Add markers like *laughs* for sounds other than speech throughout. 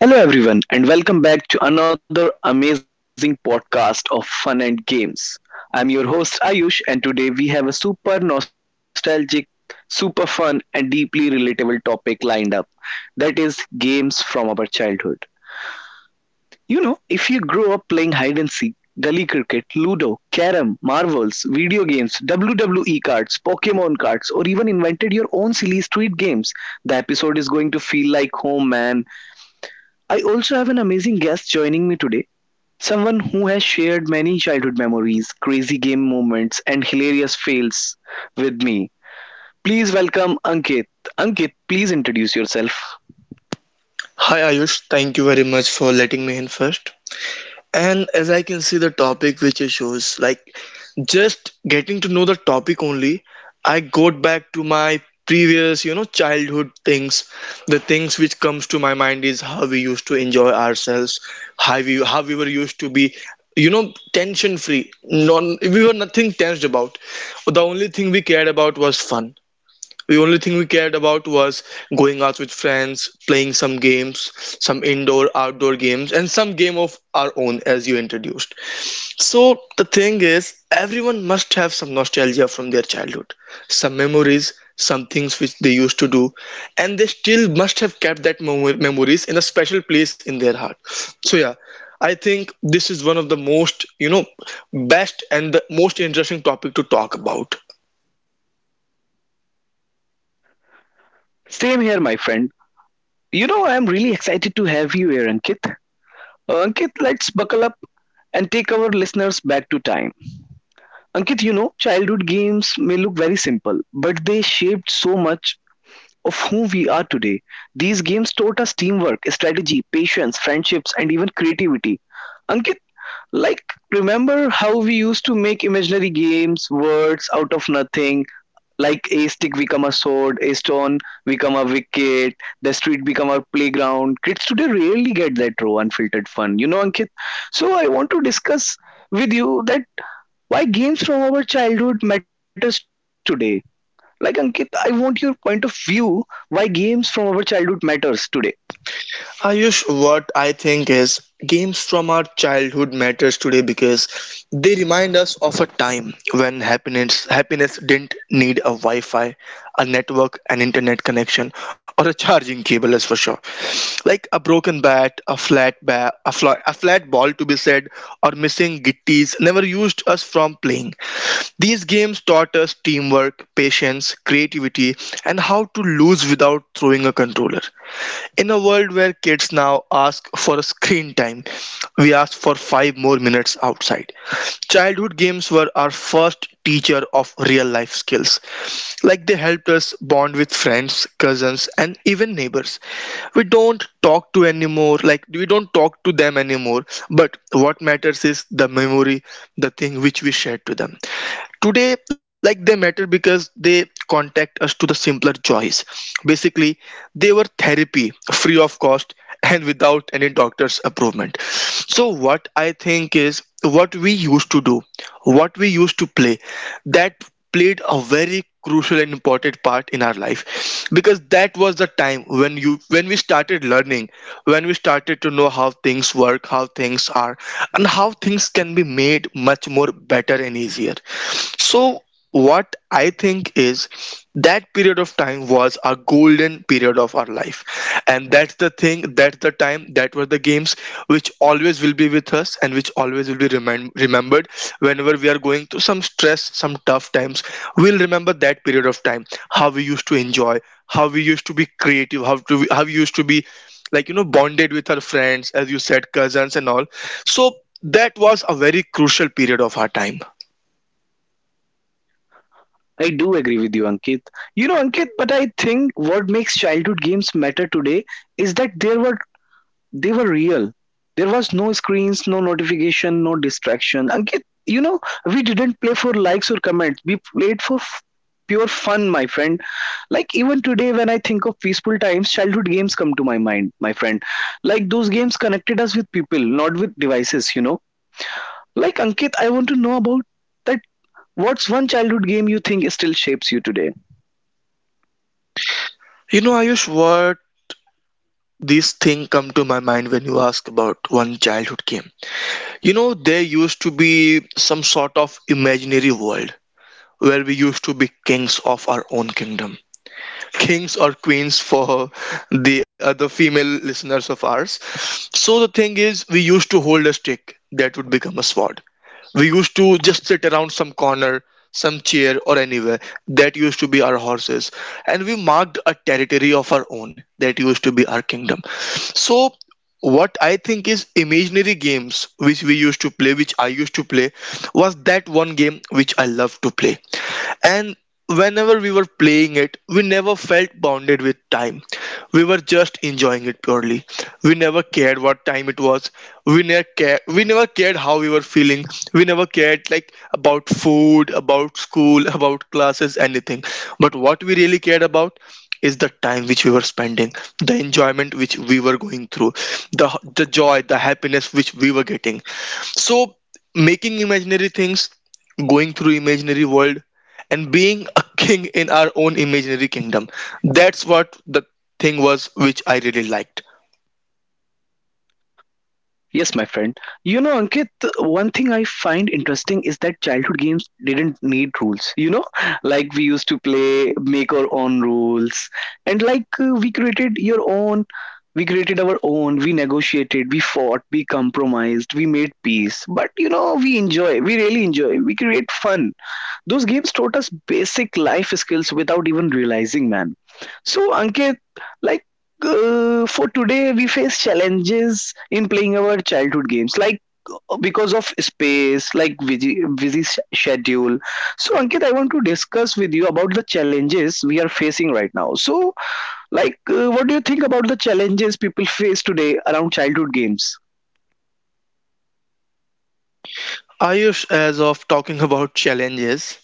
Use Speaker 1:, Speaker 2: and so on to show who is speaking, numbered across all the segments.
Speaker 1: Hello, everyone, and welcome back to another amazing podcast of Fun and Games. I'm your host Ayush, and today we have a super nostalgic, super fun, and deeply relatable topic lined up, that is, games from our childhood. You know, if you grew up playing hide and seek, gully cricket, Ludo, Carom, Marvels, video games, WWE cards, Pokemon cards, or even invented your own silly street games, the episode is going to feel like home, man. I also have an amazing guest joining me today. Someone who has shared many childhood memories, crazy game moments, and hilarious fails with me. Please welcome Ankit. Ankit, please introduce yourself.
Speaker 2: Hi Ayush, thank you very much for letting me in first. And as I can see the topic which you chose, like just getting to know the topic only, I go back to my previous, you know, childhood things. The things which comes to my mind is how we used to enjoy ourselves, how we were used to be, you know, tension free. Non we were nothing tensed about. The only thing we cared about was fun, the only thing we cared about was going out with friends, playing some games, some indoor, outdoor games, and some game of our own, as you introduced. So the thing is, everyone must have some nostalgia from their childhood, some memories, some things which they used to do, and they still must have kept that memories in a special place in their heart. So yeah, I think this is one of the most, you know, best and the most interesting topic to talk about.
Speaker 1: Same here, my friend. You know, I am really excited to have you here, Ankit. Ankit, let's buckle up and take our listeners back to time. Ankit, you know, childhood games may look very simple, but they shaped so much of who we are today. These games taught us teamwork, strategy, patience, friendships, and even creativity. Ankit, like, remember how we used to make imaginary games, words out of nothing, like a stick become a sword, a stone become a wicket, the street become our playground. Kids today rarely get that raw, unfiltered fun, you know, Ankit. So I want to discuss with you that why games from our childhood matters today. Like Ankit, I want your point of view why games from our childhood matters today.
Speaker 2: Ayush, what I think is games from our childhood matters today because they remind us of a time when happiness didn't need a Wi-Fi, a network, an internet connection, or a charging cable, Is for sure. Like a broken bat, a flat bat, a flat ball to be said, or missing gitties never used us from playing. These games taught us teamwork, patience, creativity, and how to lose without throwing a controller. In a world where kids now ask for a screen time, we ask for five more minutes outside. Childhood games were our first teacher of real life skills. Like they helped us bond with friends, cousins, and even neighbors. We don't talk to anymore, like we don't talk to them anymore, but what matters is the memory, the thing which we shared to them today, like they matter because they contact us to the simpler choice, basically they were therapy free of cost and without any doctor's approval. So, what I think is what we used to do, what we used to play, that played a very crucial and important part in our life because that was the time when you when we started learning, when we started to know how things work, how things are, and how things can be made much more better and easier. So what I think is that period of time was a golden period of our life, and that's the thing, that's the time, that were the games which always will be with us and which always will be remembered whenever we are going through some stress, some tough times. We'll remember that period of time, how we used to enjoy, how we used to be creative, how we used to be, like, you know, bonded with our friends, as you said, cousins and all. So that was a very crucial period of our time.
Speaker 1: I do agree with you, Ankit. You know, Ankit, but I think what makes childhood games matter today is that there were they were real. There was no screens, no notification, no distraction. Ankit, you know, we didn't play for likes or comments. We played for pure fun, my friend. Like even today, when I think of peaceful times, childhood games come to my mind, my friend. Like those games connected us with people, not with devices. You know, like Ankit, I want to know about that. What's one childhood game you think still shapes you today?
Speaker 2: You know, Ayush, this thing come to my mind when you ask about one childhood game. You know, there used to be some sort of imaginary world where we used to be kings of our own kingdom, kings or queens for the other female listeners of ours. So the thing is, we used to hold a stick that would become a sword, we used to just sit around some corner, some chair, or anywhere. That used to be our horses. And we marked a territory of our own. That used to be our kingdom. So, what I think is imaginary games which we used to play, which I used to play, was that one game which I loved to play. And whenever we were playing it, we never felt bounded with time, we were just enjoying it purely. We never cared what time it was, we never cared how we were feeling, we never cared like about food, about school *laughs* about classes, anything. But what we really cared about is the time which we were spending, the enjoyment which we were going through, the the joy, the happiness which we were getting. So making imaginary things, going through imaginary world, and being a *laughs* king in our own imaginary kingdom. That's what the thing was which I really liked.
Speaker 1: Yes, my friend. You know, Ankit, one thing I find interesting is that childhood games didn't need rules. You know, *laughs* like we used to play, make our own rules, and we created your own, we created our own, we negotiated, we fought, we compromised, we made peace. But you know, we enjoy, we really enjoy, we create fun. Those games taught us basic life skills without even realizing, man. So, Ankit, like, for today, we face challenges in playing our childhood games, like because of space, like busy schedule. So, Ankit, I want to discuss with you about the challenges we are facing right now. So, like, what do you think about the challenges people face today around childhood games?
Speaker 2: Ayush, as of talking *laughs* about challenges,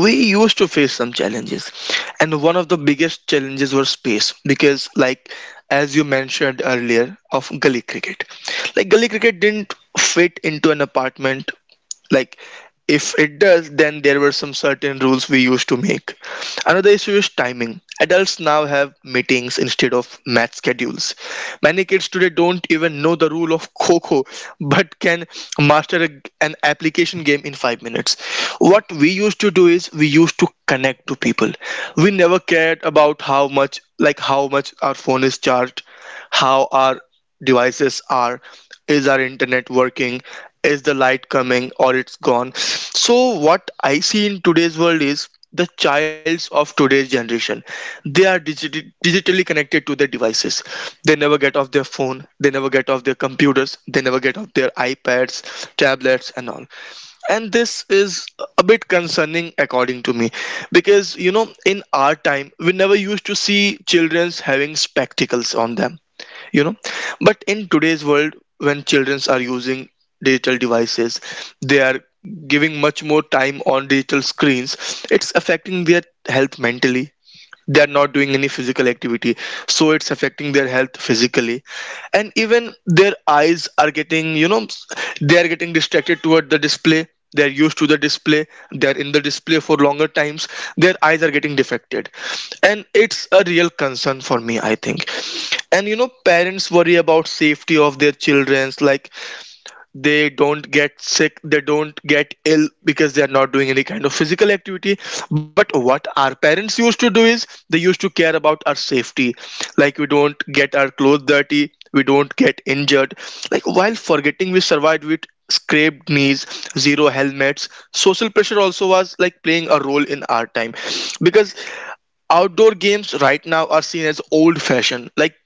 Speaker 2: we used to face some challenges, and one of the biggest challenges was space because, like, as you mentioned earlier, of gully cricket, like, gully cricket didn't fit into an apartment. Like, if it does, then there were some certain rules we used to make. Another issue is timing. Adults now have meetings instead of math schedules. Many kids today don't even know the rule of coco, but can master an application game in 5 minutes. What we used to do is we used to connect to people. We never cared about how much, like, how much our phone is charged, how our devices are, is our internet working, is the light coming or it's gone. So what I see in today's world is the childs of today's generation, they are digitally connected to their devices. They never get off their phone, they never get off their computers, they never get off their iPads, tablets, and all. And this is a bit concerning according to me because, you know, in our time we never used to see children's having spectacles on them, you know. But in today's world, when children are using digital devices, they are giving much more time on digital screens. It's affecting their health mentally, they're not doing any physical activity, so it's affecting their health physically. And even their eyes are getting, you know, they are getting distracted toward the display, they're used to the display, they're in the display for longer times, their eyes are getting defected. And it's a real concern for me, I think. And you know, parents worry about safety of their children, like they don't get sick, they don't get ill because they are not doing any kind of physical activity. But what our parents used to do is they used to care about our safety, like we don't get our clothes dirty, we don't get injured. Like, while forgetting, we survived with scraped knees, zero helmets. Social pressure also was like playing a role in our time, because outdoor games right now are seen as old fashioned. Like,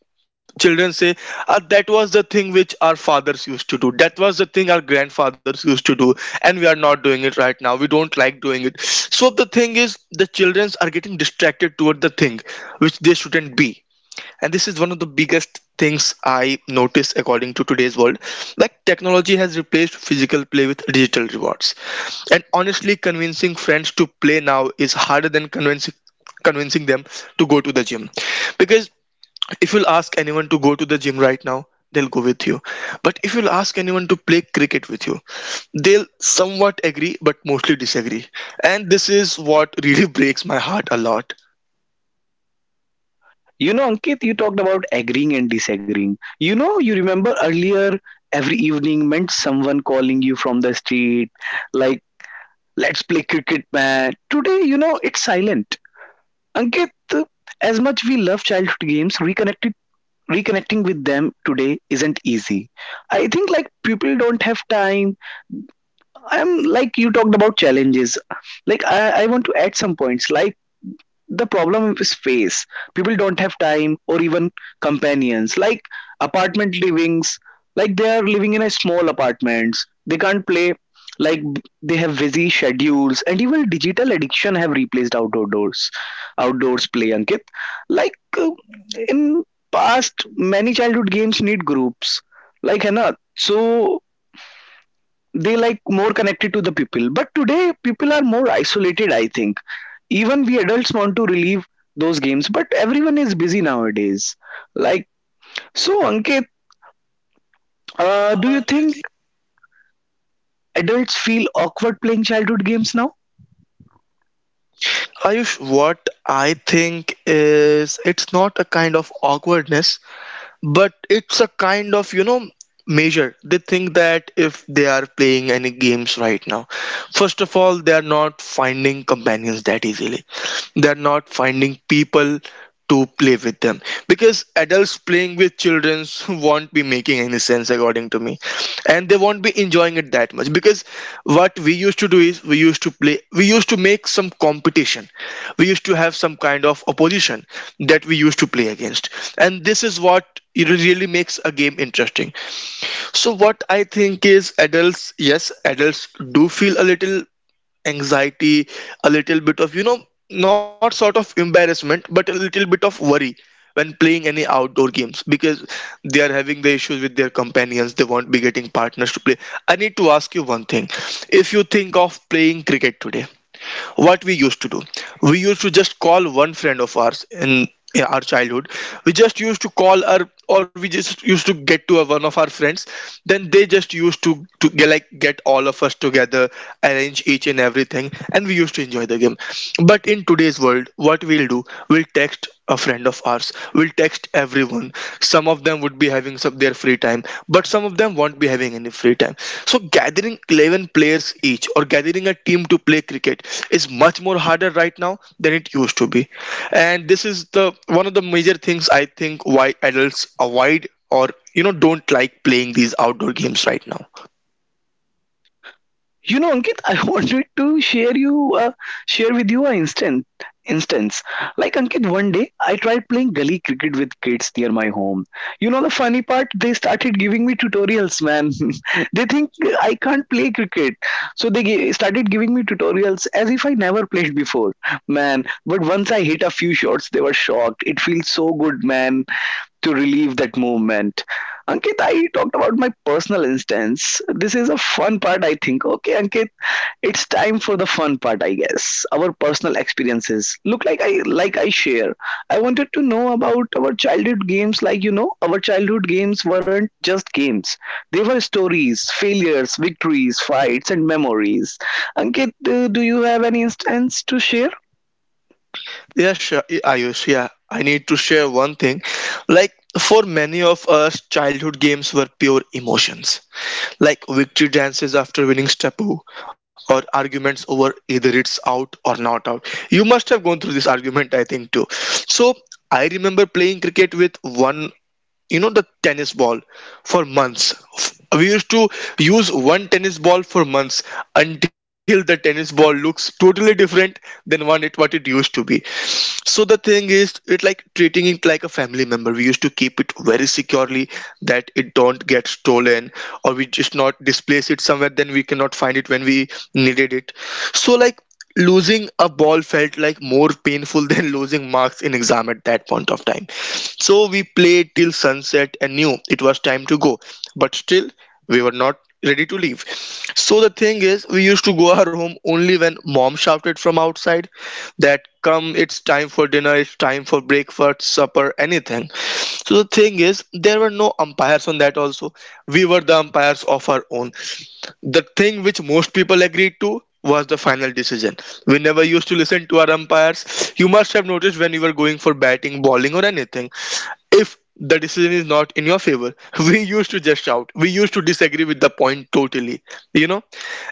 Speaker 2: children say, "Ah, that was the thing which our fathers used to do, that was the thing our grandfathers used to do, and we are not doing it right now, we don't like doing it. So the thing is, the children are getting distracted toward the thing which they shouldn't be. And this is one of the biggest things I notice according to today's world. Like, technology has replaced physical play with digital rewards. And honestly, convincing friends to play now is harder than convincing them to go to the gym. Because if you'll ask anyone to go to the gym right now, they'll go with you. But if you'll ask anyone to play cricket with you, they'll somewhat agree but mostly disagree. And this is what really *laughs* breaks my heart a lot.
Speaker 1: You know, Ankit, you talked about agreeing and disagreeing. You know, you remember earlier every evening meant someone calling you from the street, like, let's play cricket, man. Today, you know, it's silent. Ankit, as much we love childhood games, reconnected reconnecting with them today isn't easy. I think like people don't have time. I'm like You talked about challenges. Like I want to add some points, like the problem is space. People don't have time or even companions. Like apartment livings, like they are living in a small apartments. They can't play. Like they have busy schedules and even digital addiction have replaced outdoors play. Ankit, like, uh, in past many childhood games need groups. Like Hannah, so they like more connected to the people. But today people are more isolated. I think even we adults want to relieve those games, but everyone is busy nowadays. Like, so Ankit, do you think adults feel awkward playing childhood games now?
Speaker 2: Ayush, what I think is it's not a kind of awkwardness, but it's a kind of, you know, measure. They think that if they are playing any games right now, first of all, they are not finding companions that easily, they are not finding people to play with them, because adults playing with children *laughs* won't be making any sense according to me. And they won't be enjoying it that much because what we used to do is we used to play, we used to make some competition, we used to have some kind of opposition that we used to play against. And this is what it really makes a game interesting. So what I think is adults, yes, adults do feel a little anxiety, a little bit of, you know, not sort of embarrassment, but a little bit of worry when playing any outdoor games, because they are having the issues with their companions, they won't be getting partners to play. I need to ask you one thing. If you think of playing cricket today, what we used to do, we used to just call one friend of ours in our childhood. We just used to call our, or we just used to get to one of our friends. Then they just used to get, like, get all of us together, arrange each and everything, and we used to enjoy the game. But in today's world, what we'll do, we'll text a friend of ours, will text everyone. Some of them would be having some their free time, but some of them won't be having any free time. So gathering 11 players each or gathering a team to play cricket is much more harder right now than it used to be. And this is the one of the major things, I think, why adults avoid or, you know, don't like playing these outdoor games right now.
Speaker 1: You know, Ankit, I *laughs* wanted to share you share with you an instant instance. Like Ankit, one day I tried playing gully cricket with kids near my home. You know the funny part? They started giving me tutorials, man. *laughs* They think I can't play cricket, so they started giving me tutorials as if I never played before, man. But once I hit a few shots, they were shocked. It feels so good, man, to relieve that movement. Ankit, I talked about my personal instance. This is a fun part, I think. Okay, Ankit, it's time for the fun part, I guess. Our personal experiences. Look like I share. I wanted to know about our childhood games. Like you know, our childhood games weren't just games. They were stories, failures, victories, fights, and memories. Ankit, do you have any instance to share?
Speaker 2: Yeah, sure, Ayush. Yeah, I need to share one thing. Like, for many of us, childhood games were pure emotions. Like victory dances after winning Stepu, or arguments over either it's out or not out. You must have gone through this argument, I think, too. So, I remember playing cricket with one, you know, the tennis ball. For months we used to use one tennis ball for months, until the tennis ball looks totally different than one it what it used to be. So the thing is, it like treating it like a family member. We used to keep it very securely that it don't get stolen, or we just not displace it somewhere then we cannot find it when we needed it. So like, losing a ball felt like more painful than losing marks in exam at that point of time. So we played till sunset and knew it was time to go. But still, we were not ready to leave. So the thing is, we used to go our home only when mom shouted from outside that come, it's time for dinner, it's time for breakfast, supper, anything. So the thing is, there were no umpires on that also. We were the umpires of our own. The thing which most people agreed to was the final decision. We never used to listen to our umpires. You must have noticed when you were going for batting, bowling, or anything. If the decision is not in your favor, *laughs* we used to just shout. We used to disagree with the point totally, you know.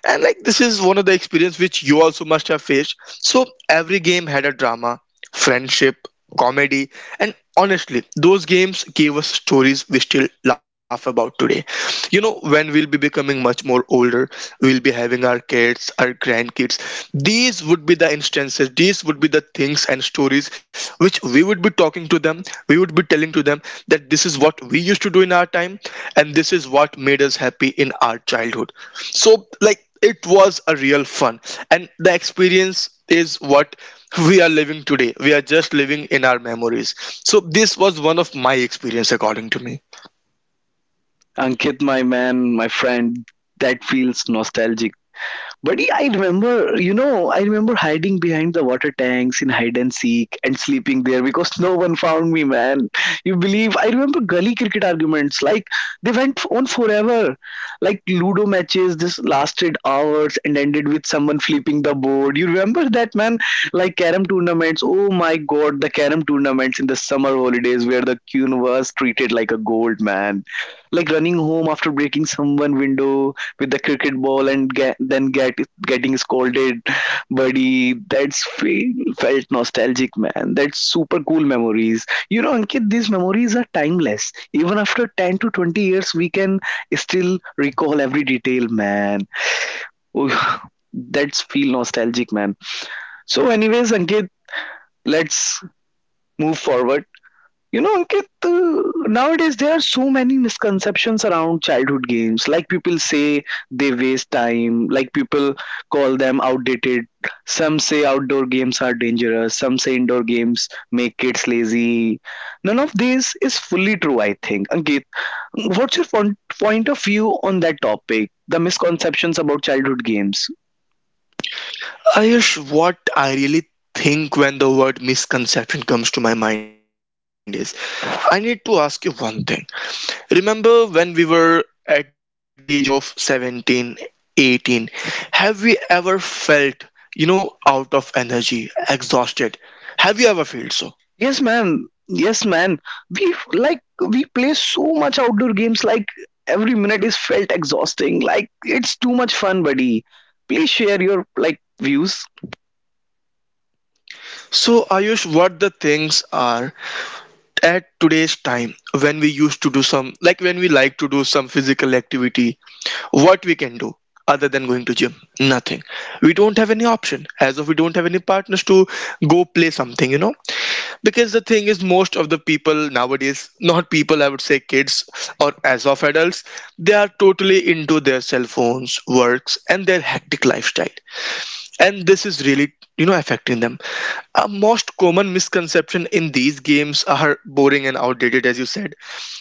Speaker 2: And like, this is one of the experience which you also must have faced. So every game had a drama, friendship, comedy, and honestly, those games gave us stories we still laugh about today. You know, when we'll be becoming much more older, we'll be having our kids, our grandkids. These would be the instances, these would be the things and stories which we would be talking to them, we would be telling to them that this is what we used to do in our time, and this is what made us happy in our childhood. So, like, it was a real fun, and the experience is what we are living today. We are just living in our memories. So this was one of my experience according to me.
Speaker 1: Ankit, my man, my friend, that feels nostalgic. But yeah, I remember, you know, I remember hiding behind the water tanks in hide and seek and sleeping there because no one found me, man. You believe? I remember gully cricket arguments. Like, they went on forever. Like, Ludo matches just lasted hours and ended with someone flipping the board. You remember that, man? Like, carom tournaments. Oh my god, the carom tournaments in the summer holidays where the queen was treated like a gold, man. Like, running home after breaking someone window with the cricket ball and get, then get getting scolded, buddy. That's felt nostalgic, man. That's super cool memories. You know Ankit, these memories are timeless. Even after 10 to 20 years we can still recall every detail, man. Oh, *laughs* that's feel nostalgic, man. So anyways Ankit, let's move forward. You know, Ankit, nowadays there are so many misconceptions around childhood games. Like people say they waste time, like people call them outdated. Some say outdoor games are dangerous, some say indoor games make kids lazy. None of this is fully true, I think. Ankit, what's your point of view on that topic? The misconceptions about childhood games?
Speaker 2: Ayush, what I really think when the word misconception comes to my mind is, I need to ask you one thing. Remember when we were at the age of 17, 18? Have we ever felt, you know, out of energy, exhausted? Have you ever felt so?
Speaker 1: Yes, man. Yes, man. We like we play so much outdoor games. Like every minute is felt exhausting. Like it's too much fun, buddy. Please share your like views.
Speaker 2: So Ayush, what the things are at today's time, when we used to do some, like when we like to do some physical activity, what we can do other than going to gym? Nothing. We don't have any option, as of we don't have any partners to go play something, you know. Because the thing is, most of the people nowadays, not people, I would say kids or as of adults, they are totally into their cell phones works and their hectic lifestyle, and this is really, you know, affecting them. A most common misconception in these games are boring and outdated, as you said.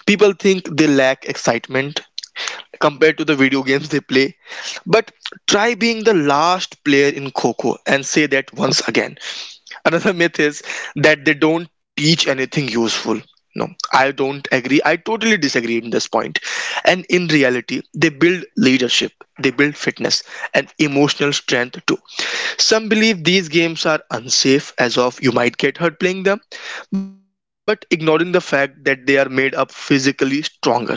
Speaker 2: People think they lack excitement compared to the video games they play. But try being the last player in coco and say that once again. Another myth is that they don't teach anything useful. No, I don't agree. I totally disagree in this point. And in reality, they build leadership, they build fitness and emotional strength too. Some believe these games are unsafe, as of you might get hurt playing them, but ignoring the fact that they are made up physically stronger.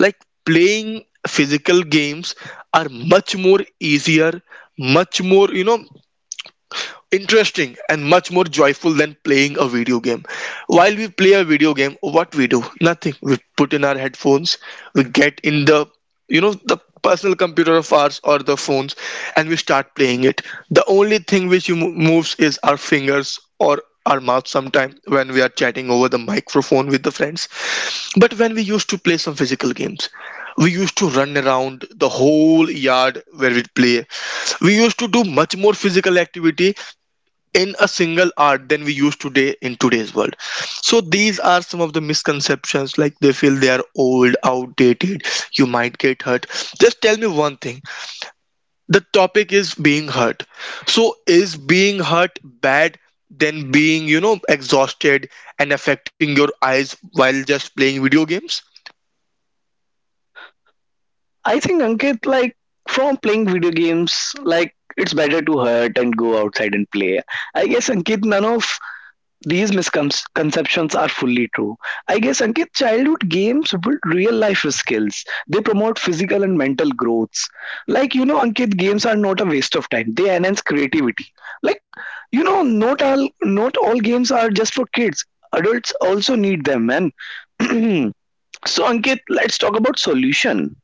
Speaker 2: Like playing physical games are much more easier, much more, you know, interesting and much more joyful than playing a video game. While we play a video game, what we do? Nothing. We put in our headphones, we get in the, you know, the personal computer of ours or the phones, and we start playing it. The only thing which moves is our fingers or our mouth sometime when we are chatting over the microphone with the friends. But when we used to play some physical games, we used to run around the whole yard where we'd play. We used to do much more physical activity in a single hour than we use today in today's world. So these are some of the misconceptions, like they feel they are old, outdated, you might get hurt. Just tell me one thing. The topic is being hurt. So is being hurt bad than being, you know, exhausted and affecting your eyes while just playing video games?
Speaker 1: I think Ankit, like from playing video games, like it's better to hurt and go outside and play. I guess Ankit, none of these misconceptions are fully true. I guess, Ankit, childhood games build real life skills. They promote physical and mental growths. Like, you know, Ankit, games are not a waste of time. They enhance creativity. Like, you know, not all games are just for kids. Adults also need them, man. *clears throat* So, Ankit, let's talk about solution.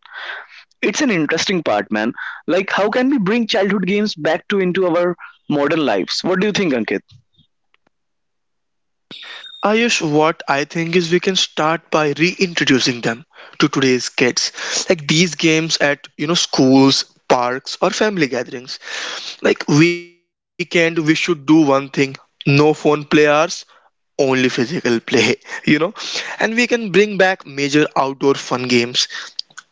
Speaker 1: It's an interesting part, man. Like, how can we bring childhood games back to into our modern lives? What do you think, Ankit?
Speaker 2: Ayush, what I think is we can start by reintroducing them to today's kids, like these games at, you know, schools, parks, or family gatherings. Like weekend, we should do one thing: no phone play hours, only physical play. *laughs* You know, and we can bring back major outdoor fun games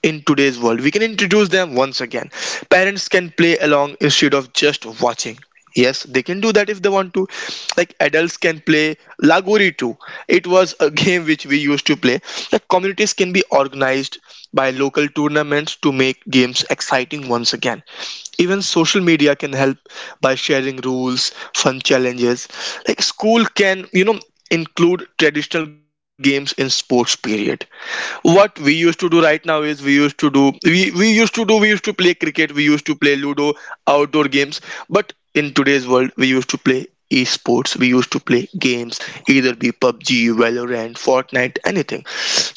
Speaker 2: in today's world. We can introduce them once again. Parents can play along instead of just watching. Yes, they can do that if they want to. Like adults can play Lagori too. It was a *laughs* game which we used to play. The communities can be organized by local tournaments to make games exciting once again. Even social media can help by sharing rules, fun challenges. Like school can, you know, include traditional games in sports period. What we used to do right now is, we used to do, we used to do, we used to play cricket, we used to play ludo, outdoor games. But in today's world we used to play esports, we used to play games, either be pubg, valorant, fortnite, anything.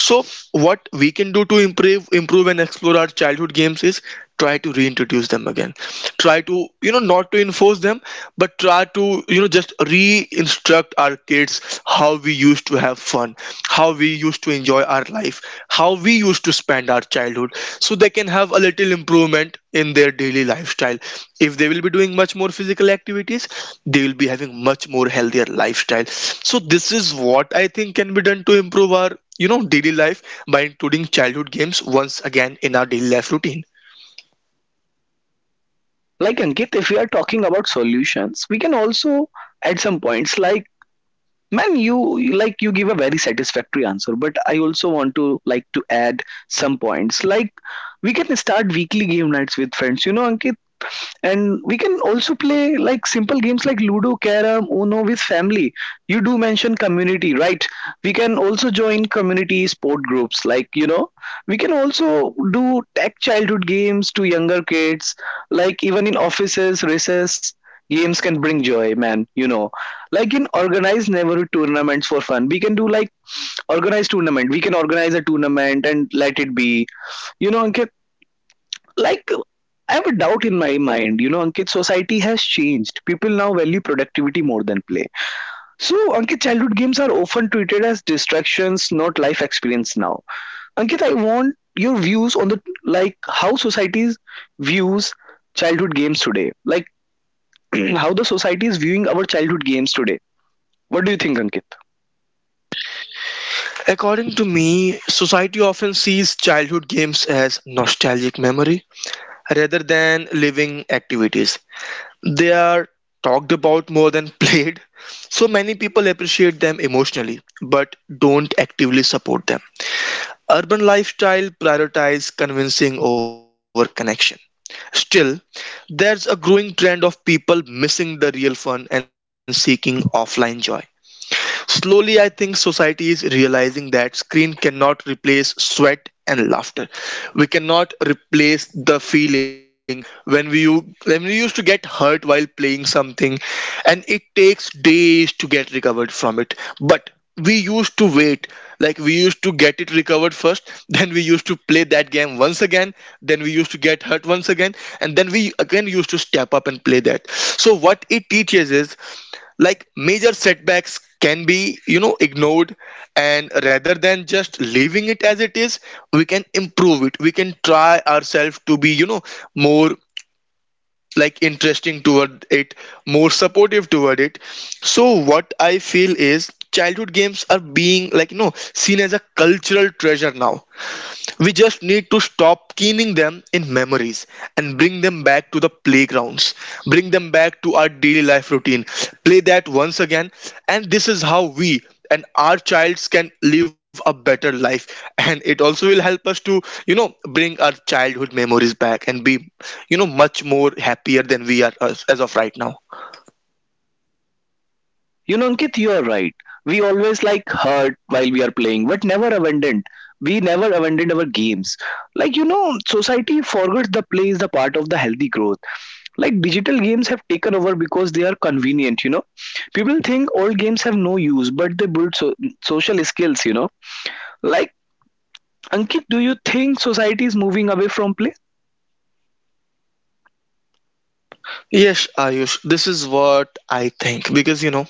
Speaker 2: So what we can do to improve and explore our childhood games is try to reintroduce them again, try to, you know, not to enforce them, but try to, you know, just re-instruct our kids how we used to have fun, how we used to enjoy our life, how we used to spend our childhood, so they can have a little improvement in their daily lifestyle. If they will be doing much more physical activities, they will be having much more healthier lifestyle. So this is what I think can be done to improve our, you know, daily life by including childhood games once again in our daily life routine.
Speaker 1: Like Ankit, if we are talking about solutions, we can also add some points. Like, man, like you give a very satisfactory answer, but I also want to like to add some points. Like, we can start weekly game nights with friends, you know Ankit. And we can also play like simple games like Ludo, Carom, Uno with family. You do mention community, right? We can also join community sport groups, like you know, we can also do tech childhood games to younger kids. Like even in offices recess games can bring joy, man, you know. Like in organized neighborhood tournaments for fun, we can do like organized tournament, we can organize a tournament and let it be, you know. Ankit, like, I have a doubt in my mind. You know, Ankit, society has changed. People now value productivity more than play. So, Ankit, childhood games are often treated as distractions, not life experience now. Ankit, I want your views on the like how societies views childhood games today. Like, *clears throat* how the society is viewing our childhood games today. What do you think, Ankit?
Speaker 2: According to me, society often sees childhood games as nostalgic memory rather than living activities. They are talked about more than *laughs* played, so many people appreciate them emotionally but don't actively support them. Urban lifestyle prioritize convincing over connection. Still, there's a growing trend of people missing the real fun and seeking offline joy. Slowly, I think society is realizing that screen cannot replace sweat and laughter. We cannot replace the feeling when we used to get hurt while playing something, and it takes days to get recovered from it. But we used to wait, like we used to get it recovered first, *laughs* then we used to play that game once again, then we used to get hurt once again, and then we again used to step up and play that. So what it teaches is, like, major setbacks can be, you know, ignored, and rather than just leaving it as it is, we can improve it. We can try ourselves to be, you know, more, like, interesting toward it, more supportive toward it. So what I feel is, childhood games are being, like, you know, seen as a cultural treasure now. We just need to stop keening them in memories and bring them back to the playgrounds, bring them back to our daily life routine. Play that once again, and this is how we and our childs can live a better life, and it also will help us to, you know, bring our childhood memories back and be, you know, much more happier than we are as of right now.
Speaker 1: You know, Ankit, you are right. We always like hurt while we are playing, but never abandoned. We never abandoned our games. Like, you know, society forgets the play is the part of the healthy growth. Like, digital games have taken over because they are convenient, you know. People think old games have no use, but they build social skills, you know. Like, Ankit, do you think society is moving away from play?
Speaker 2: Yes, Ayush, this is what I think, because you know,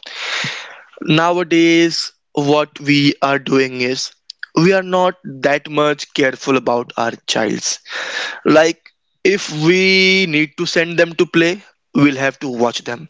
Speaker 2: nowadays, what we are doing is, we are not that much careful about our childs. Like, if we need to send them to play, we'll have to watch them.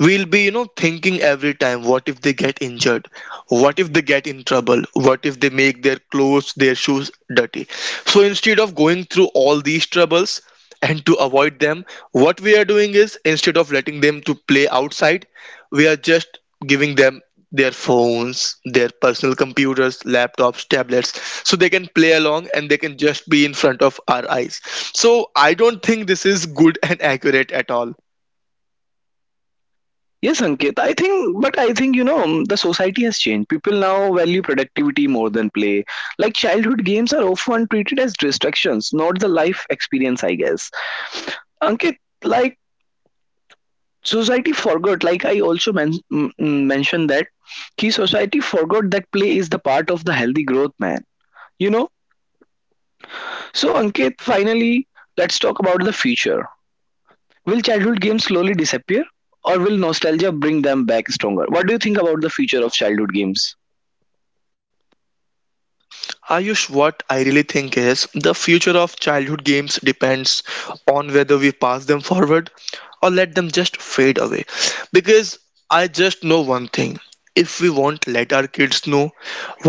Speaker 2: We'll be, you know, thinking every time, what if they get injured? What if they get in trouble? What if they make their clothes, their shoes dirty? So instead of going through all these troubles and to avoid them, what we are doing is, instead of letting them to play outside, we are just giving them their phones, their personal computers, laptops, tablets, so they can play along and they can just be in front of our eyes. So I don't think this is good and accurate at all.
Speaker 1: Yes, Ankit. I think, but I think, you know, the society has changed. People now value productivity more than play. Like, childhood games are often treated as distractions, not the life experience, I guess. Ankit, like, society forgot, like, I also mentioned that, key society forgot that play is the part of the healthy growth, man. You know? So, Ankit, finally, let's talk about the future. Will childhood games slowly disappear? Or will nostalgia bring them back stronger? What do you think about the future of childhood games?
Speaker 2: Ayush, what I really think is, the future of childhood games depends on whether we pass them forward or let them just fade away. Because I just know one thing, if we won't let our kids know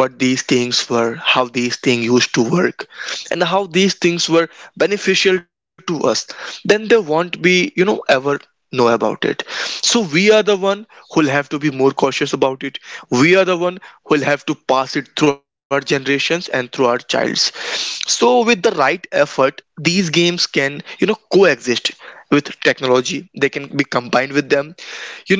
Speaker 2: what these things were, how these things used to work, and how these things were beneficial to us, then they won't be, you know, ever know about it. So we are the one who'll have to be more cautious about it. We are the one who'll have to pass it through our generations and through our childs. So with the right effort, these games can, you know, coexist with technology. They can be combined with them,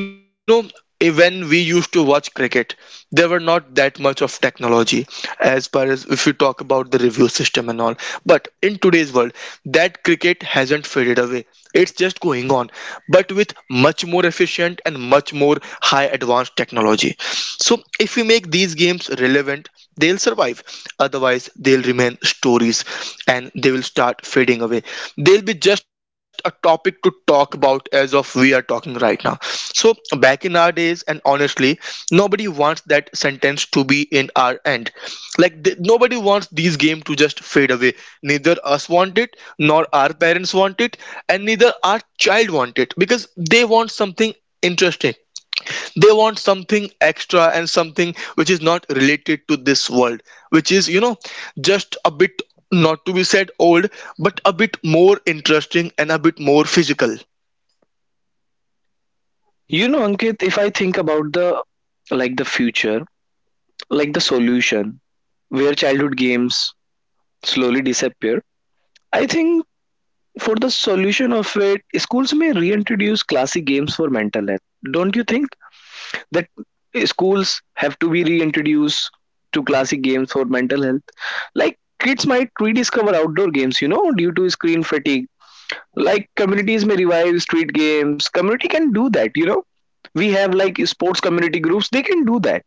Speaker 2: you know. When we used to watch cricket, there were not that much of technology, as far as if you talk about the review system and all. But in today's world, that cricket hasn't faded away. It's just going on, but with much more efficient and much more high advanced technology. So if we make these games relevant, they'll survive. Otherwise they'll remain stories, and they will start fading away. They'll be just a topic to talk about as of we are talking right now. So back in our days, and honestly, nobody wants that sentence to be in our end. Like nobody wants these game to just fade away. Neither us want it, nor our parents want it, and neither our child want it, because they want something interesting. They want something extra, and something which is not related to this world, which is, you know, just a bit, not to be said old, but a bit more interesting and a bit more physical.
Speaker 1: You know, Ankit, if I think about the like the future, like the solution where childhood games slowly disappear, I think for the solution of it, schools may reintroduce classic games for mental health. Don't you think that schools have to be reintroduced to classic games for mental health? Like kids might rediscover outdoor games, you know, due to screen fatigue. Like communities may revive street games, community can do that, you know. We have like sports community groups, they can do that.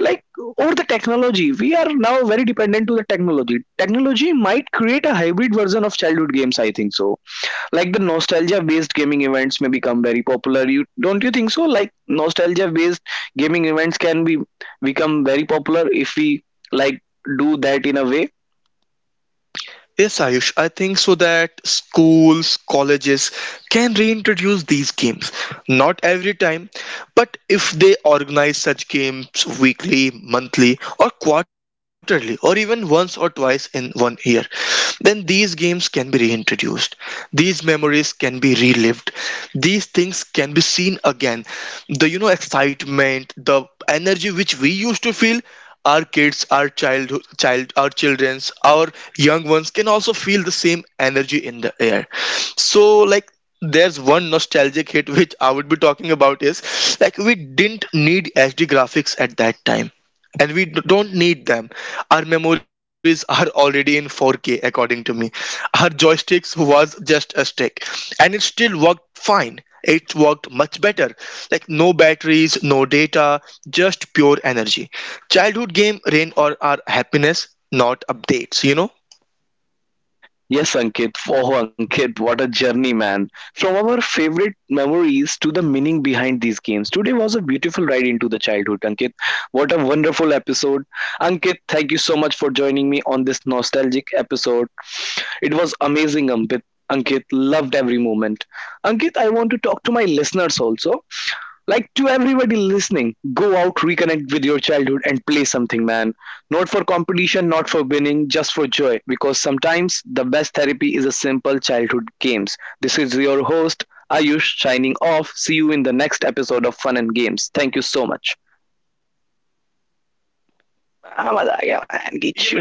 Speaker 1: Like over the technology, we are now very dependent to the technology. Technology might create a hybrid version of childhood games, I think so. Like the nostalgia based gaming events may become very popular. You don't you think so, like nostalgia based gaming events can be become very popular if we like do that in a way.
Speaker 2: Yes, Ayush, I think so that schools, colleges can reintroduce these games. Not every time, but if they organize such games weekly, monthly, or quarterly, or even once or twice in 1 year, then these games can be reintroduced. These memories can be relived. These things can be seen again. The, you know, excitement, the energy which we used to feel, our kids, our child child our children's, our young ones can also feel the same energy in the air. So like, there's one nostalgic hit which I would be talking about is, like, we didn't need hd graphics at that time, and we don't need them. Our memories are already in 4K, according to me. Our joysticks was just a stick, and it still worked fine. It worked much better. Like no batteries, no data, just pure energy. Childhood game reign or our happiness, not updates, you know?
Speaker 1: Yes, Ankit. Oh, Ankit, what a journey, man. From our favorite memories to the meaning behind these games. Today was a beautiful ride into the childhood, Ankit. What a wonderful episode. Ankit, thank you so much for joining me on this nostalgic episode. It was amazing, Ankit. Ankit loved every moment. Ankit, I want to talk to my listeners also, like, to everybody listening, go out, reconnect with your childhood and play something, man. Not for competition, not for winning, just for joy, because sometimes the best therapy is a simple childhood games. This is your host Ayush signing off. See you in the next episode of Fun and Games. Thank you so much. आवाज़ नहीं खींची।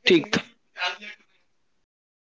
Speaker 1: ठीक था। इस बार भी